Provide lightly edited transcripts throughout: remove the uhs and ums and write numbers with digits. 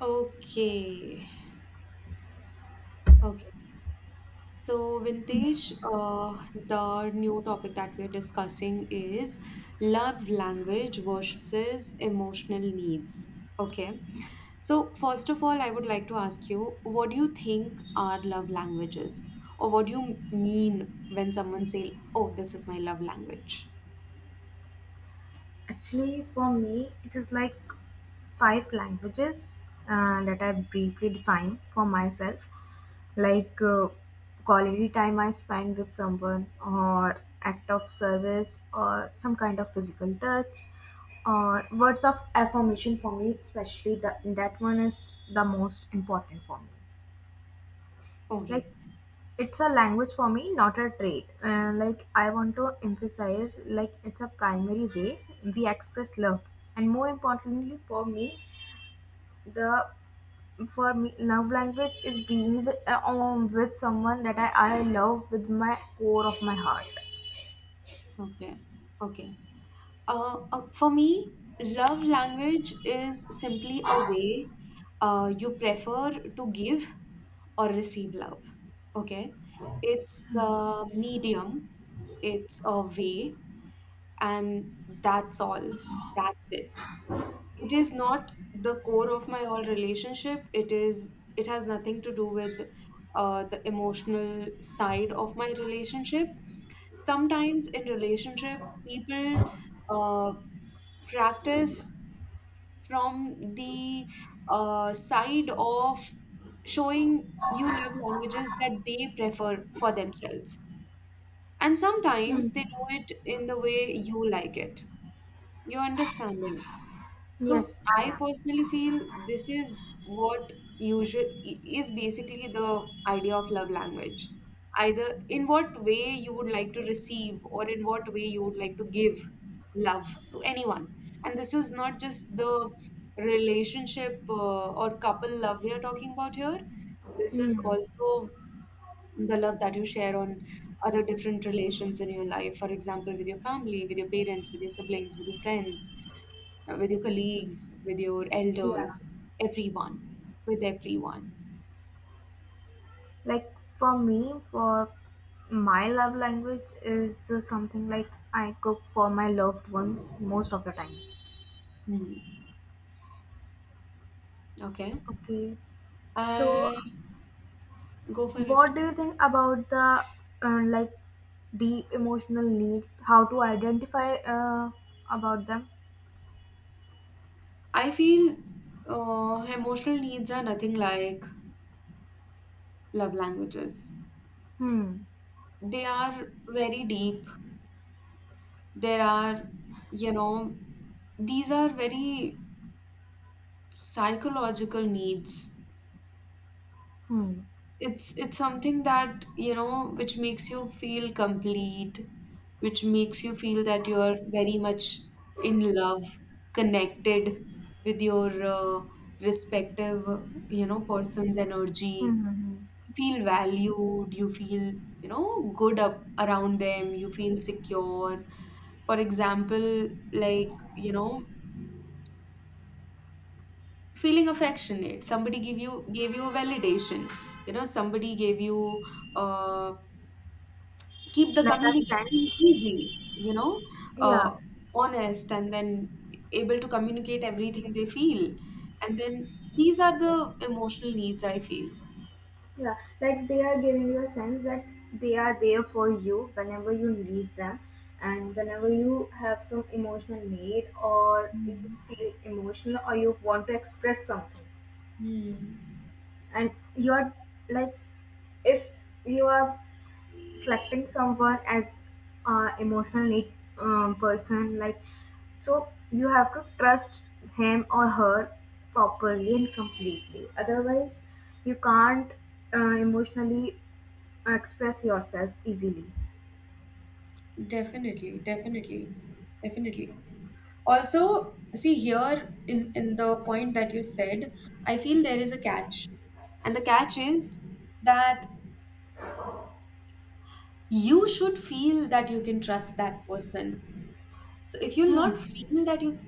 Okay. Okay. So, Vintesh, Yes. The new topic that we're discussing is love language versus emotional needs. Okay. So, first of all, I would like to ask you, what do you think are love languages? Or what do you mean when someone say, "Oh, this is my love language"? Actually, for me, it is like five languages that I briefly define for myself, like uh, quality time I spend with someone, or act of service, or some kind of physical touch, or words of affirmation for me, especially that one is the most important for me. Like Okay. it's a language for me, not a trait. Like, I want to emphasize, like, it's a primary way we express love, and more importantly for me, the for me love language is being with someone that I love with my core of my heart. Okay. Okay. For me, love language is simply a way you prefer to give or receive love. Okay? It's a medium, it's a way, and that's all. That's it. It is not the core of my whole relationship. It is. It has nothing to do with the emotional side of my relationship. Sometimes in relationship, people uh, practice from the side of showing you love languages that they prefer for themselves. And sometimes they do it in the way you like it. You're understanding. So Yes, I I am. personally feel this is what is basically the idea of love language. Either in what way you would like to receive or in what way you would like to give love to anyone. And this is not just the relationship or couple love we are talking about here. This is Hmm. also the love that you share on other different relations in your life, for example, with your family, with your parents, with your siblings, with your friends, with your colleagues, with your Yeah, elders, everyone, with everyone. like for me for my love language is something like I cook for my loved ones most of the time. Hmm. Okay. Okay, so And go for it. what do you think about the, like, deep emotional needs? How to identify about them? I feel emotional needs are nothing like love languages. Hmm. They are very deep. There are You know, these are very psychological needs. Hmm. It's something that which makes you feel complete, which makes you feel that you're very much in love, connected with your respective, person's energy. Hmm. Hmm, hmm. You feel valued, you feel, good up around them, you feel secure. For example, like, feeling affectionate, somebody give you gave you validation, somebody gave you uh, keep the Like a communication sense. easy, Yeah. uh, honest, and then able to communicate everything they feel. And then these are the emotional needs I feel. Yeah. Like, they are giving you a sense that they are there for you whenever you need them, and whenever you have some emotional need, or you Mm, feel emotional, or you want to express something. mm. And you're, like, if you are selecting someone as emotional need person, like, so you have to trust him or her properly and completely, otherwise you can't emotionally express yourself easily. Definitely, definitely, definitely. Also, see here, in the point that you said, I feel there is a catch. And the catch is that you should feel that you can trust that person. So if you'll not feel that you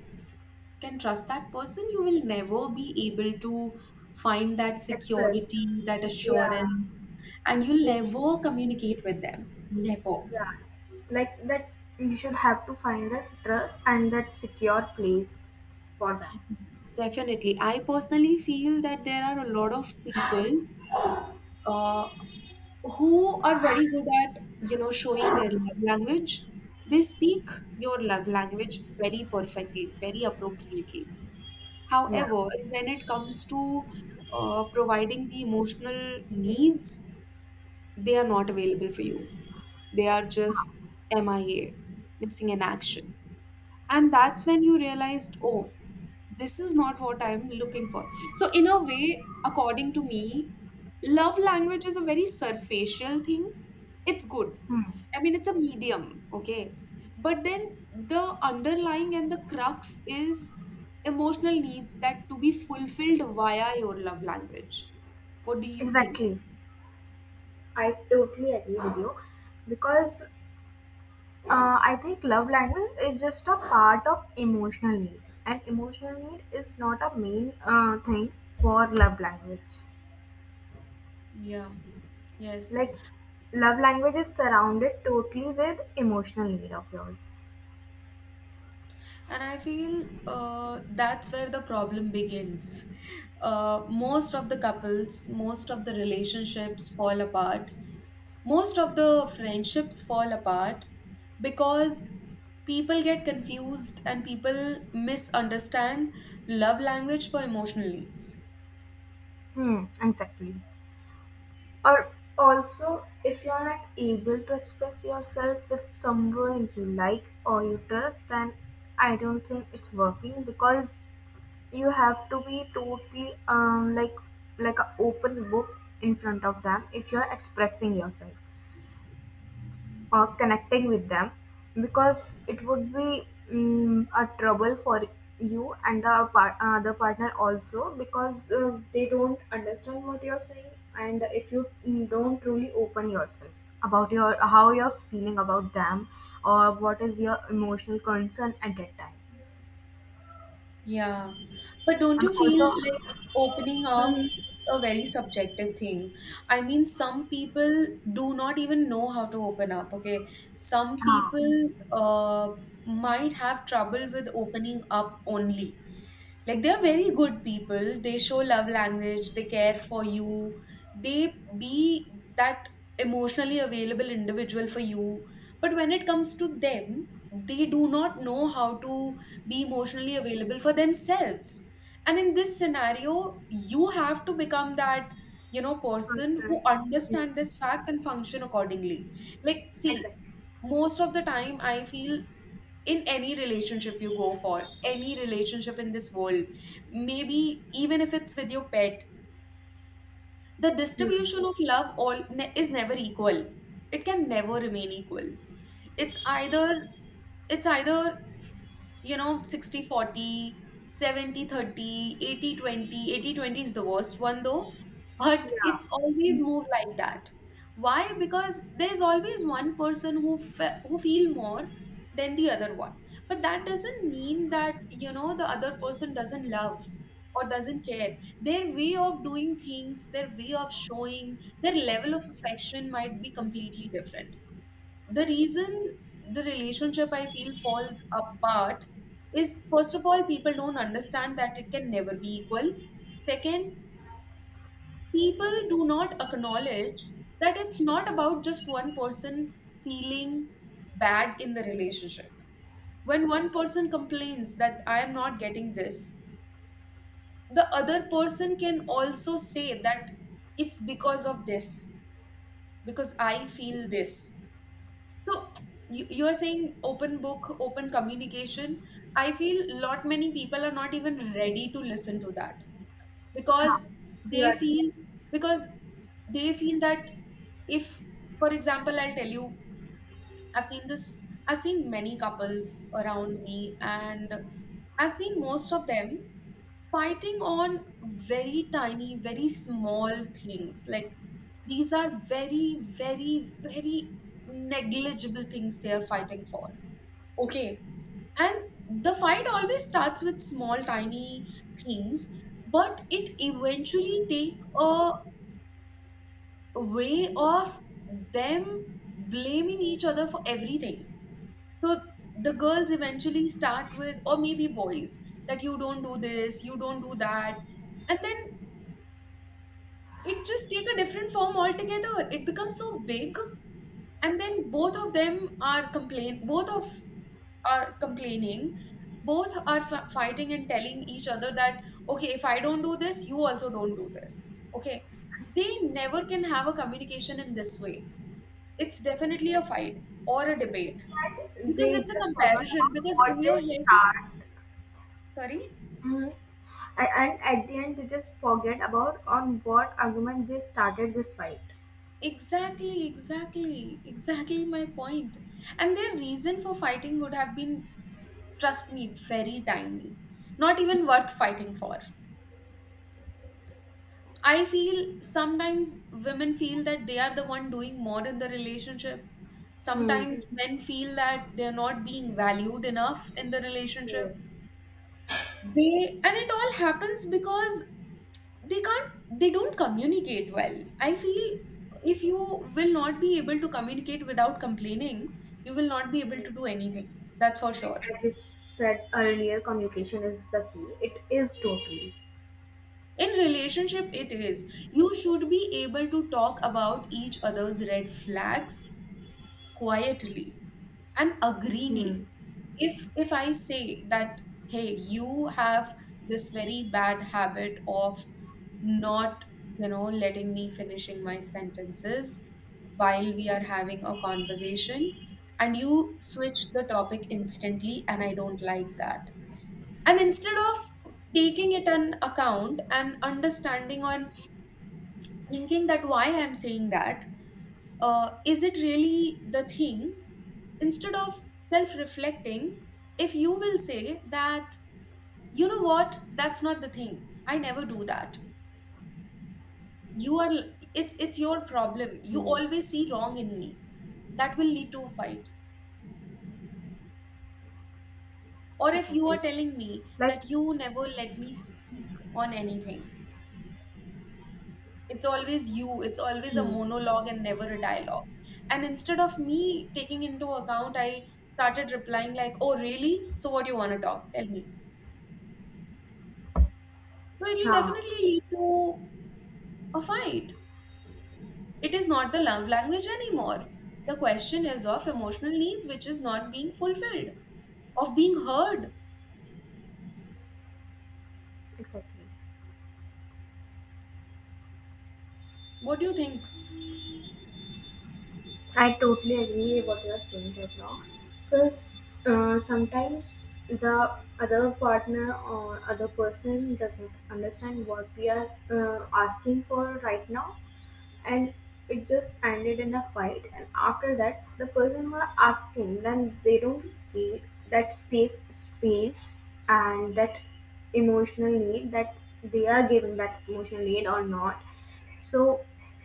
can trust that person, you will never be able to find that Express. security, that Yeah. assurance, and you'll Like, never communicate with them. Never. yeah, like that, you should have to find that trust and that secure place for them. Definitely. I personally feel that there are a lot of people uh, who are very good at, showing their love language. They speak your love language very perfectly, very appropriately. Yeah. However, when it comes to providing the emotional needs, they are not available for you. They are just MIA, missing in action. And that's when you realized, oh, this is not what I'm looking for. So, in a way, according to me, love language is a very superficial thing. It's good. Hmm. I mean, it's a medium, okay? But then the underlying and the crux is emotional needs that to be fulfilled via your love language. What do you think? Exactly. I totally agree with you because, I think love language is just a part of emotional need, and emotional need is not a main thing for love language. Yeah, yes. Like, love language is surrounded totally with emotional need of yours. And I feel, that's where the problem begins. Most of the couples, most of the relationships fall apart, most of the friendships fall apart, because people get confused and people misunderstand love language for emotional needs. Hmm, exactly. Or also, if you're not able to express yourself with someone you like or you trust, then I don't think it's working because you have to be totally, like, like an open book in front of them if you're expressing yourself or connecting with them, because it would be a trouble for you and the the partner also, because they don't understand what you're saying. And if you don't truly open yourself about your how you're feeling about them, or what is your emotional concern at that time, Yeah. But don't and you feel also. like opening up Hmm. is a very subjective thing? I mean, some people do not even know how to open up, okay? Some people uh, might have trouble with opening up only, like, they're very good people, they show love language, they care for you, they be that emotionally available individual for you, but when it comes to them, they do not know how to be emotionally available for themselves. And in this scenario, you have to become that, person Concern. who understand Hmm. this fact and function accordingly. Like, see, Exactly. most of the time I feel in any relationship you go for, any relationship in this world, maybe even if it's with your pet, the Hmm. distribution of love is never equal. It can never remain equal. It's either 60-40, 70-30, 80-20. 80-20 is the worst one though, but Yeah, it's always move like that. Why? Because there's always one person who feel more than the other one. But that doesn't mean that, the other person doesn't love or doesn't care. Their way of doing things, their way of showing their level of affection might be completely different. The reason the relationship, I feel, falls apart is, first of all, people don't understand that it can never be equal. Second, people do not acknowledge that it's not about just one person feeling bad in the relationship. When one person complains that I am not getting this, the other person can also say that it's because of this, because I feel this. So you're saying open book, open communication. I feel lot many people are not even ready to listen to that, because you they are. feel because they feel that if, for example, I'll tell you, I've seen this, I've seen many couples around me, and I've seen most of them fighting on very tiny, very small things. Like, these are very, very, very negligible things they are fighting for. Okay. And the fight always starts with small, tiny things, but it eventually take a way of them blaming each other for everything. So the girls eventually start with, or maybe boys, that you don't do this, you don't do that. And then it just take a different form altogether. It becomes so big. And then both of them are complain, both of are complaining. Both are fighting and telling each other that, okay, if I don't do this, you also don't do this. Okay. They never can have a communication in this way. It's definitely a fight or a debate, It's like because they it's a just forgot comparison, about because in what your they head. start. Sorry? Hmm. And at the end, they just forget about on what argument they started this fight. Exactly, exactly, exactly my point. And their reason for fighting would have been, trust me, very tiny. Not even worth fighting for. I feel sometimes women feel that they are the one doing more in the relationship. Hmm. Sometimes men feel that they're not being valued enough in the relationship. Yes. They, and it all happens because they can't they don't communicate well, I feel. If you will not be able to communicate without complaining, you will not be able to do anything, that's for sure. As you said earlier, communication is the key. It is totally. In relationship, it is, you should be able to talk about each other's red flags quietly and Hmm. agreeingly. If I say that, hey, you have this very bad habit of not, letting me finishing my sentences while we are having a conversation, and you switch the topic instantly and I don't like that, and instead of taking it an account and understanding on, thinking that why I'm saying that, is it really the thing? Instead of self reflecting, if you will say that, you know what, that's not the thing, I never do that. You are, it's your problem. You Hmm. always see wrong in me. That will lead to a fight. Or if you are Exactly. telling me Like. that you never let me speak on anything, it's always you, it's always a Hmm. monologue and never a dialogue, and instead of me taking into account, I started replying like, oh really, so what do you want to talk, tell me, so it will Yeah. definitely lead to a fight. It is not the love language anymore, the question is of emotional needs which is not being fulfilled, of being heard. Exactly. What do you think? I totally agree what you are saying right now, because sometimes the other partner or other person doesn't understand what we are asking for right now, and it just ended in a fight, and after that the person who are asking, then they don't feel that safe space, and that emotional need, that they are giving that emotional need or not. So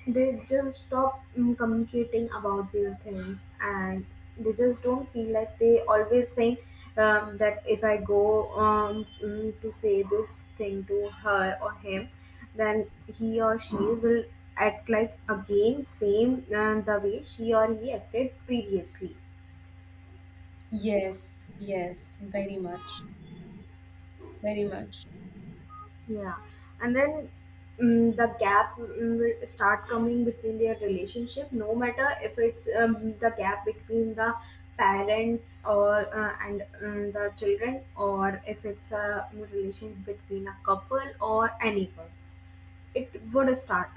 they just stop communicating about their things, and they just don't feel, like, they always think that if I go, to say this thing to her or him, then he or she will act like again same, the way she or he acted previously. Yes, yes, very much, very much. Yeah. And then, the gap will start coming between their relationship, no matter if it's, the gap between the parents, or and the children, or if it's a relation between a couple or anyone, it would start.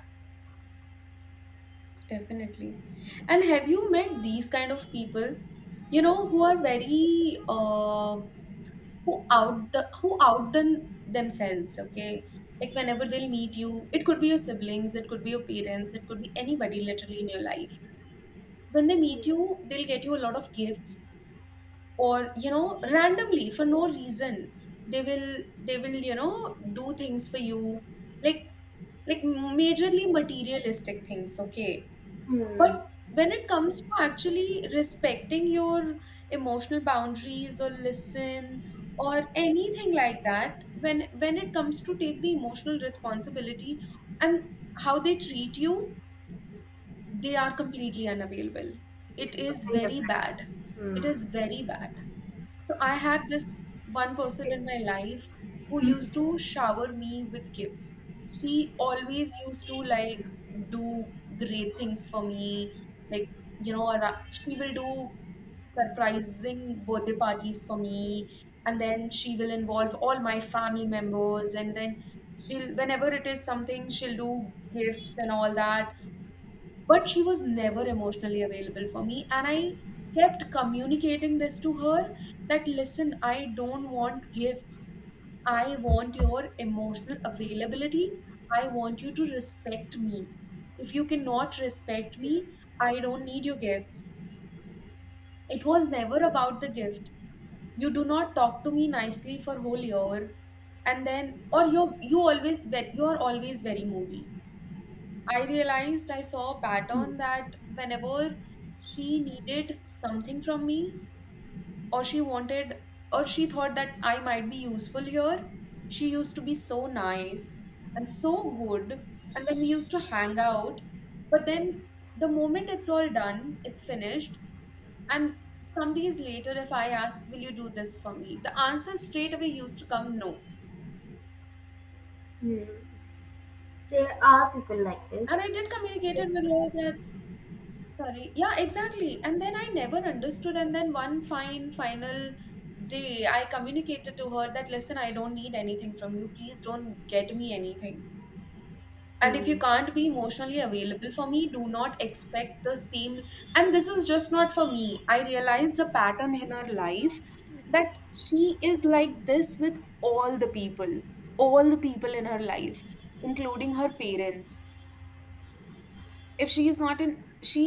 Definitely. And have you met these kind of people, who are very, who outdone themselves, okay? Like, whenever they'll meet you, it could be your siblings, it could be your parents, it could be anybody literally in your life. When they meet Hmm. you, they'll get you a lot of gifts or, randomly for no reason. They will do things for you. Like, majorly materialistic things, okay? Hmm. But when it comes to actually respecting your emotional boundaries, or listen, or anything like that, when, it comes to take the emotional responsibility and how they treat you, they are completely unavailable. It It's is something very different. bad. It Hmm. is very bad. So I had this one person in my It's. life who used to shower me with gifts. She always used to like do great things for me. Like, she will do surprising birthday parties for me. And then she will involve all my family members. And then she'll, whenever it is something, she'll do gifts and all that, but she was never Hmm. emotionally available for me, and I kept communicating this to her that, listen, I don't want gifts. I want your emotional availability. I want you to respect me. If you cannot respect me, I don't need your gifts. It was never about the gift. You do not talk to me nicely for whole year, and then or you are always very moody. I realized I saw a pattern that whenever she needed something from me, or she wanted, or she thought that I might be useful here, she used to be so nice and so good. And then we used to hang out. But then the moment it's all done, it's finished. And some days later, if I asked, Will you do this for me? The answer straight away used to come no. Hmm. There are people like this. And I did communicate it with her. Sorry. Yeah, exactly. And then I never understood. And then one fine final day, I communicated to her that, listen, I don't need anything from you. Please don't get me anything. And if you Hmm. can't be emotionally available for me, do not expect the same. And this is just not for me. I realized a pattern in her life that she is like this with all the people in her life, including her parents. If she is not in She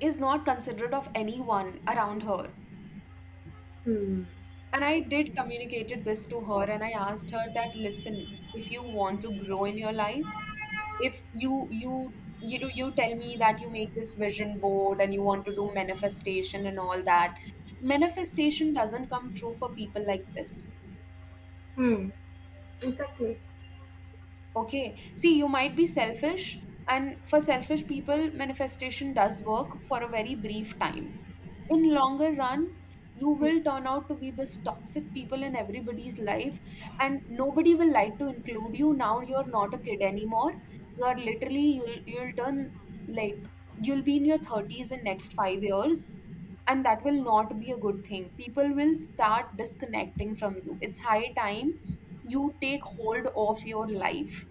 is not considerate of anyone around her. Hmm. And I did communicated this to her, and I asked her that, listen, if you want to grow in your life, if you tell me that you make this vision board and you want to do manifestation and all that, manifestation doesn't come true for people like this. Hmm. Exactly. Okay, see, you might be selfish, and for selfish people manifestation does work for a very brief time. In longer run, you Hmm. will turn out to be this toxic people in everybody's life, and nobody will like to include you. Now you're not a kid anymore. You are literally, you'll turn, like, you'll be in your 30s in next 5 years, and that will not be a good thing. People will start disconnecting from you. It's high time you take hold of your life.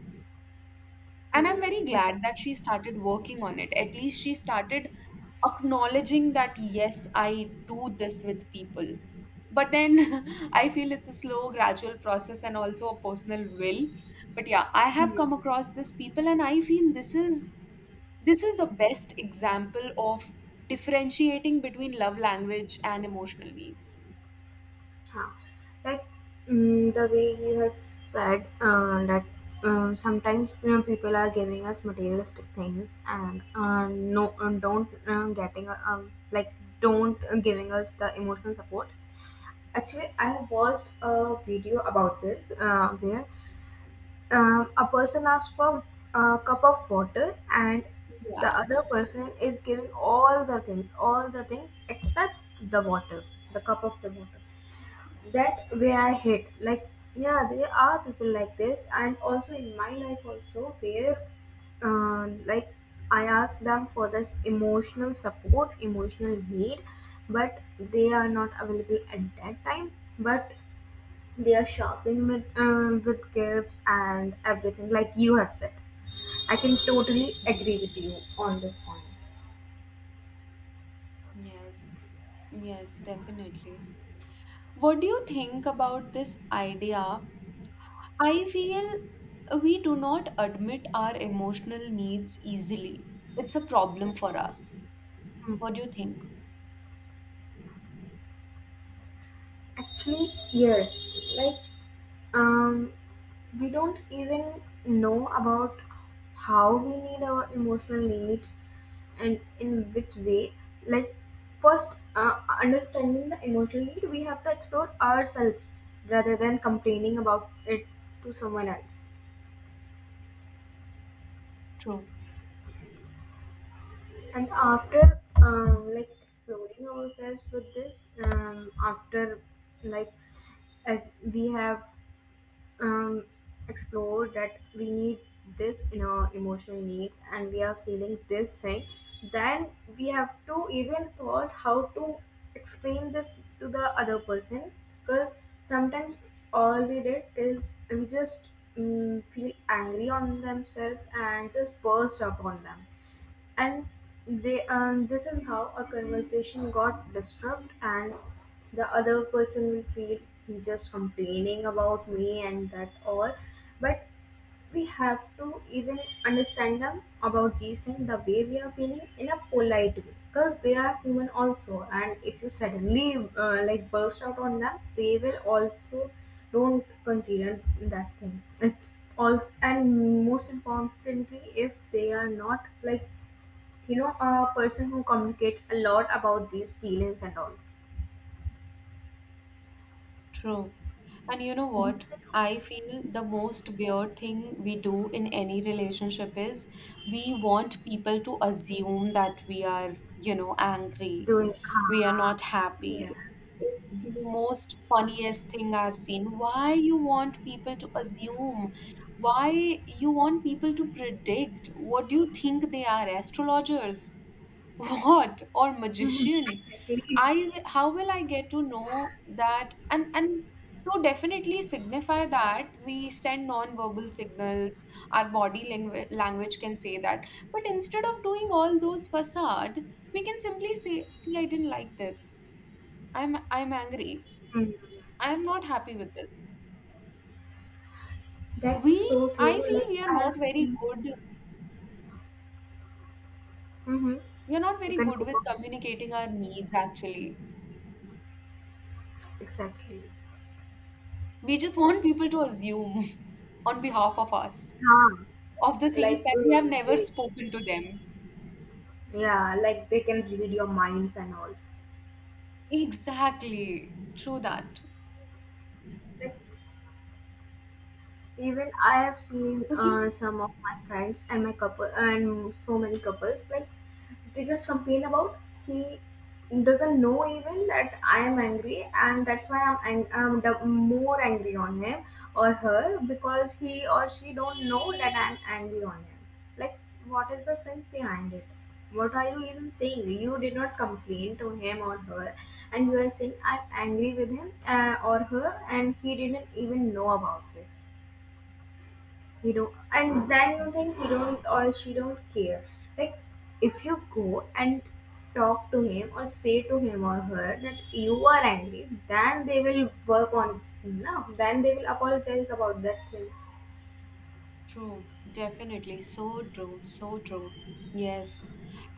And I'm very Hmm. glad that she started working on it. At least she started acknowledging that, yes, I do this with people. But then I feel it's a slow, gradual process and also a personal will. But yeah, I have come Hmm. across this people and I feel this is the best example of differentiating between love language and emotional needs. Huh. Like, the way you have said, that sometimes, you know, people are giving us materialistic things, and no don't getting like don't giving us the emotional support. Actually, I have watched a video about this, where, a person asks for a cup of water, and the Yeah. other person is giving all the things except the water, the cup of the water. That way I hate. Like, yeah, there are people like this, and also in my life also, where, uh, like, I ask them for this emotional support, emotional need, but they are not available at that time. But shopping with, with gifts and everything, like you have said, I can totally Mm. agree with you on this point. Yes, yes, definitely. What do you think about this idea? I feel we do not admit our emotional needs easily. It's a problem for us. Hmm. What do you think? Actually, yes. Like, we don't even know about how we need our emotional needs, and in which way. Like, first understanding the emotional need, we have to explore ourselves rather than complaining about it to someone else. True. And after, like, exploring ourselves with this, after like as we have um, explored that we need this in our emotional needs and we are feeling this thing, then we have to even thought how to explain this to the other person, because sometimes all we did is we just feel angry on themselves and just burst upon them. And they, this is how a conversation got disturbed, and the other person will feel he's just complaining about me, and that all. But we have to even understand them about these things, the way we are feeling, in a polite way, because they are human also, and if you suddenly like, burst out on them, they will also don't consider that thing. And also, and most importantly, if they are not, like, you know, a person who communicate a lot about these feelings and all. True. And you know what? I feel the most weird thing we do in any relationship is we want people to assume that we are, angry, Doing. we are Ah. not Yeah. happy. It's the most funniest thing I've seen. Why you want people to assume? Why you want people to predict? What do you think they are? Astrologers? What? Or Mhm, magician? exactly. How will I get to know that? And to definitely signify that we send non-verbal signals, our body language can say that. But instead of doing all those facade, we can simply say, see, I didn't like this. I'm angry. Mhm. I'm not happy with this. That's We so I true. feel Like, we are I not have very seen. good. Mm-hmm. We are not You very can good cope with up, communicating our needs actually. exactly. We just want people to assume on behalf of us Ah, of the things like, that we have never they. spoken to them. Yeah, like they can read your minds and all. Exactly. True that. Like, even I have seen If you some of my friends and my couple and so many couples, like, they just complain about, he doesn't know even that I am angry, and that's why I'm I'm the more angry on him or her, because he or she don't know that I'm angry on him. Like, what is the sense behind it? What are you even saying? You did not complain to him or her, and you are saying I'm angry with him or her, and he didn't even know about this, you know. And then you think he don't or she don't care. Like, if you go and talk to him or say to him or her that you are angry, then they will work on this thing now, then they will apologize about that thing. True, definitely. So true. So true. Yes.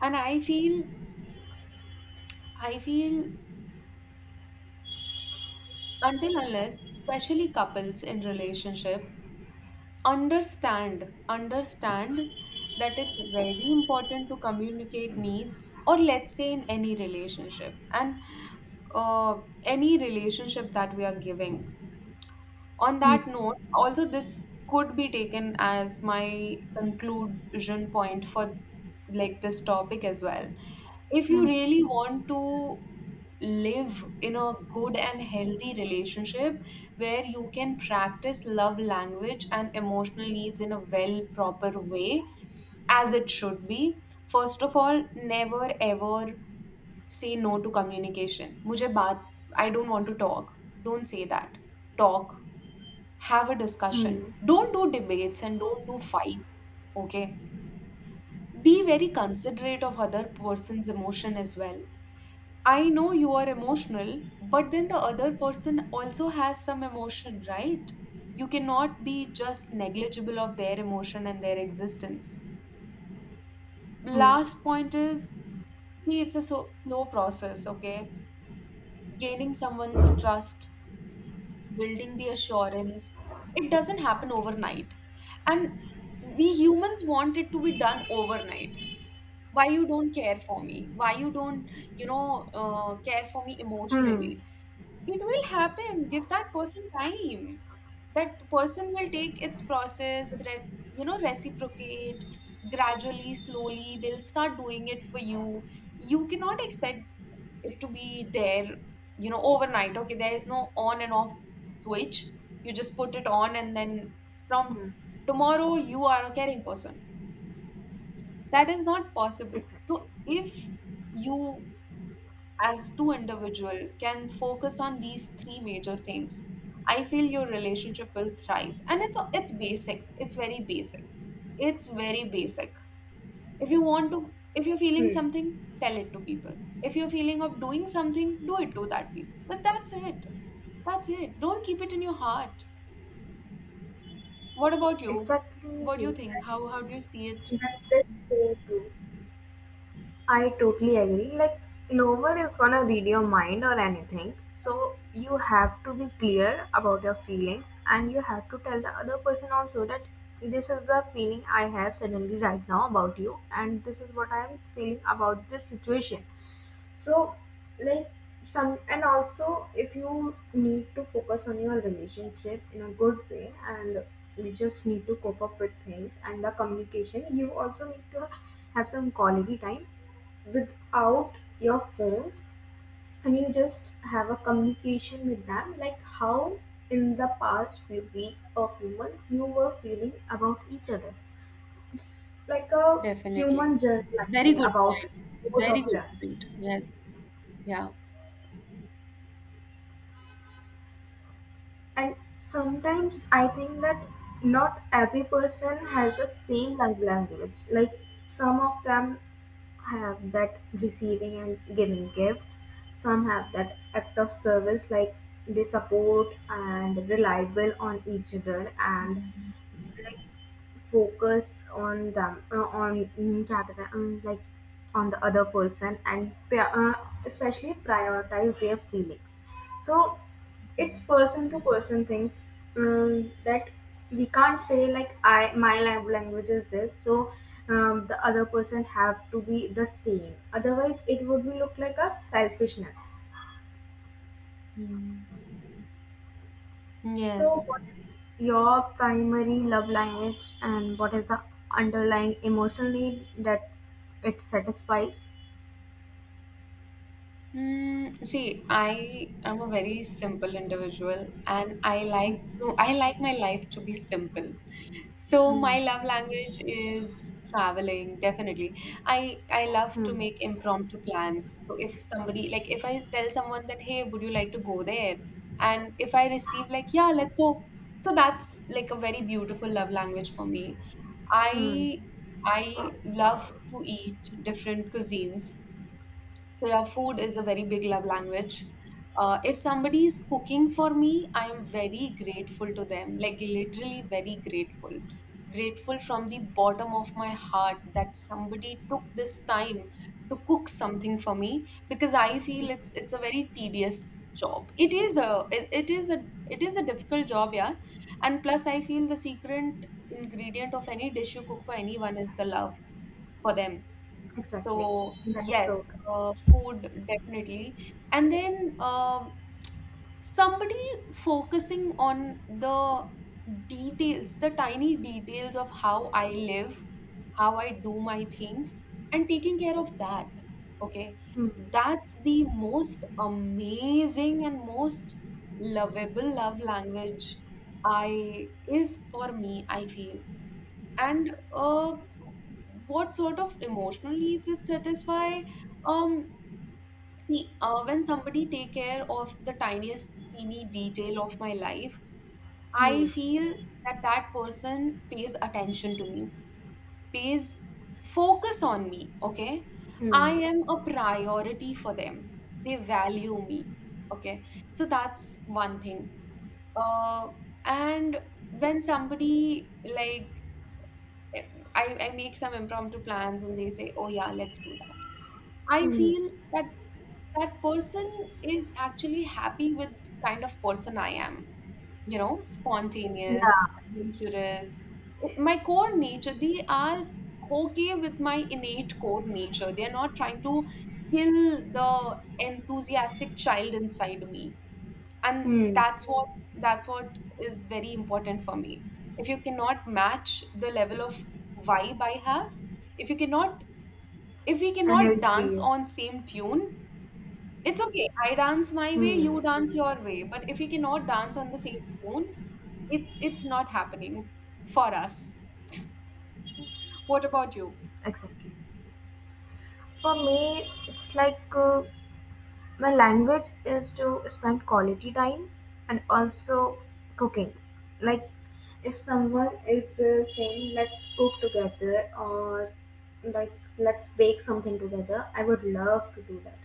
And I feel until unless, especially couples in relationship, understand that it's very important to communicate needs or let's say in any relationship and uh, any relationship that we are giving on that Hmm. note, also this could be taken as my conclusion point for like this topic as well. If you Hmm. really want to live in a good and healthy relationship where you can practice love language and emotional needs in a well proper way as it should be, first of all, never ever say no to communication. मुझे बात, I don't want to talk. Don't say that. Talk, have a discussion. Hmm. Don't do debates and don't do fights. Okay. Be very considerate of other person's emotion as well. I know you are emotional, but then the other person also has some emotion, right? You cannot be just negligible of their emotion and their existence. Last point is, see, it's a slow process, okay? Gaining someone's trust, building the assurance. It doesn't happen overnight. And we humans want it to be done overnight. Why you don't care for me? Why you don't, care for me Hmm. Hmm. emotionally? It will happen. Give that person time. That person will take its process, reciprocate gradually, slowly. They'll start doing it for you. You cannot expect it to be there, overnight. Okay, there is no on and off switch. You just put it on, and then from Hmm, tomorrow, you are a caring person. That is not possible. So, if you as two individual can focus on these three major things, I feel your relationship will thrive. And it's basic. It's very basic. It's very basic. If you're feeling hmm. something, tell it to people. If you're feeling of doing something, do it to that people. But that's it. That's it. Don't keep it in your heart. What about you? What do you Exactly. think? How do you see it? That's, that is so true. I totally agree. Like, no one is gonna read your mind or anything. So, you have to be clear about your feelings, and you have to tell the other person also that this is the feeling I have suddenly right now about you, and this is what I'm feeling about this situation. So, like, some, and also, if you need to focus on your relationship in a good way, and you just need to cope up with things and the communication, you also need to have some quality time without your phones, and you just have a communication with them, like how in the past few weeks or few months you were feeling about each other. It's like a human Definitely. Very journalizing good about point. both Very of good them. point. Yes. Yeah. And sometimes I think that not every person has the same love language. Like, some of them have that receiving and giving gifts, some have that act of service, like they support and reliable on each other, and, like, focus on them, on, क्या कहते हैं, like, on the other person and especially prioritize their feelings. So, it's person to person things, that we can't say, like, I, my language is this, so, the other person have to be the same, otherwise it would be look like a selfishness. Hmm. So, Yes. what is your primary love language, and what is the underlying emotional need that it satisfies? Hmm. See, I am a very simple individual and I like my life to be simple. So my Hmm. love language is traveling, definitely. I love to Hmm. make impromptu plans. So if somebody, like, if I tell someone that, hey, would you like to go there? And if I receive like, yeah, let's go. So that's like a very beautiful love language for me. Hmm. I I love to eat different cuisines. So yeah, food is a very big love language. If somebody is cooking for me, I am very grateful to them, like literally very grateful. Grateful from the bottom of my heart that somebody took this time to cook something for me because I feel it's a very tedious job. It is a difficult job, yeah. And plus I feel the secret ingredient of any dish you cook for anyone is the love for them. Exactly. So That is so. yes, food, definitely. And then somebody focusing on the details, the tiny details of how I live, how I do my things, and taking care of that. Okay. Hmm. That's the most amazing and most lovable love language I is for me, I feel. And what sort of emotional needs it satisfy? um See, when somebody take care of the tiniest teeny detail of my life, Hmm. I feel that that person pays attention to me, pays focus on me. Okay, I Hmm. am a priority for them. They value me. Okay, so that's one thing. Uh, and when somebody, like, I make some impromptu plans and they say, oh yeah, let's do that. I Hmm. feel that that person is actually happy with kind of person I am, Yeah. spontaneous, adventurous. My core nature, they are okay with my innate core nature. They're not trying to kill the enthusiastic child inside me, and Hmm. that's what is very important for me. If you cannot match the level of vibe I have, if you cannot if we cannot dance Energy. on same tune, it's okay, I dance my way, Hmm. you dance your way. But if we cannot dance on the same tune, it's not happening for us. What about you? Exactly. For me, it's like, my language is to spend quality time and also cooking. Like, if someone is saying let's cook together, or, like, let's bake something together, I would love to do that.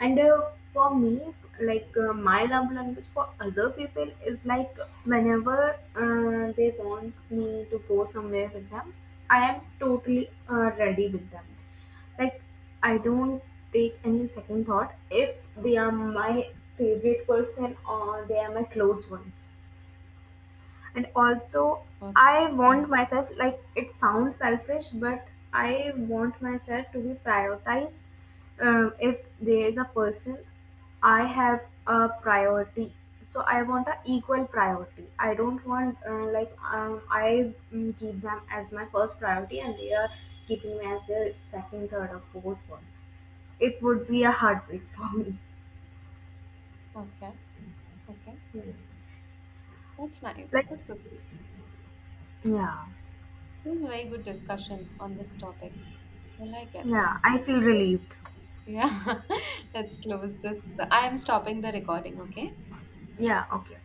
And for me, like, my love language for other people is like, whenever they want me to go somewhere with them, I am totally ready with them. Like, I don't take any second thought if they are my favorite person or they are my close ones. And also, Okay, I want myself, like it sounds selfish, but I want myself to be prioritized. If there is a person I have a priority, so I want an equal priority. I don't want, I, keep them as my first priority, and they are keeping me as their second, third, or fourth one. It would be a heartbreak for me. okay, okay. Hmm. That's nice. Like, That's good. It yeah, was a very good discussion on this topic. I like it. yeah, I feel relieved. Yeah, let's close this. I am stopping the recording, okay? Yeah, okay.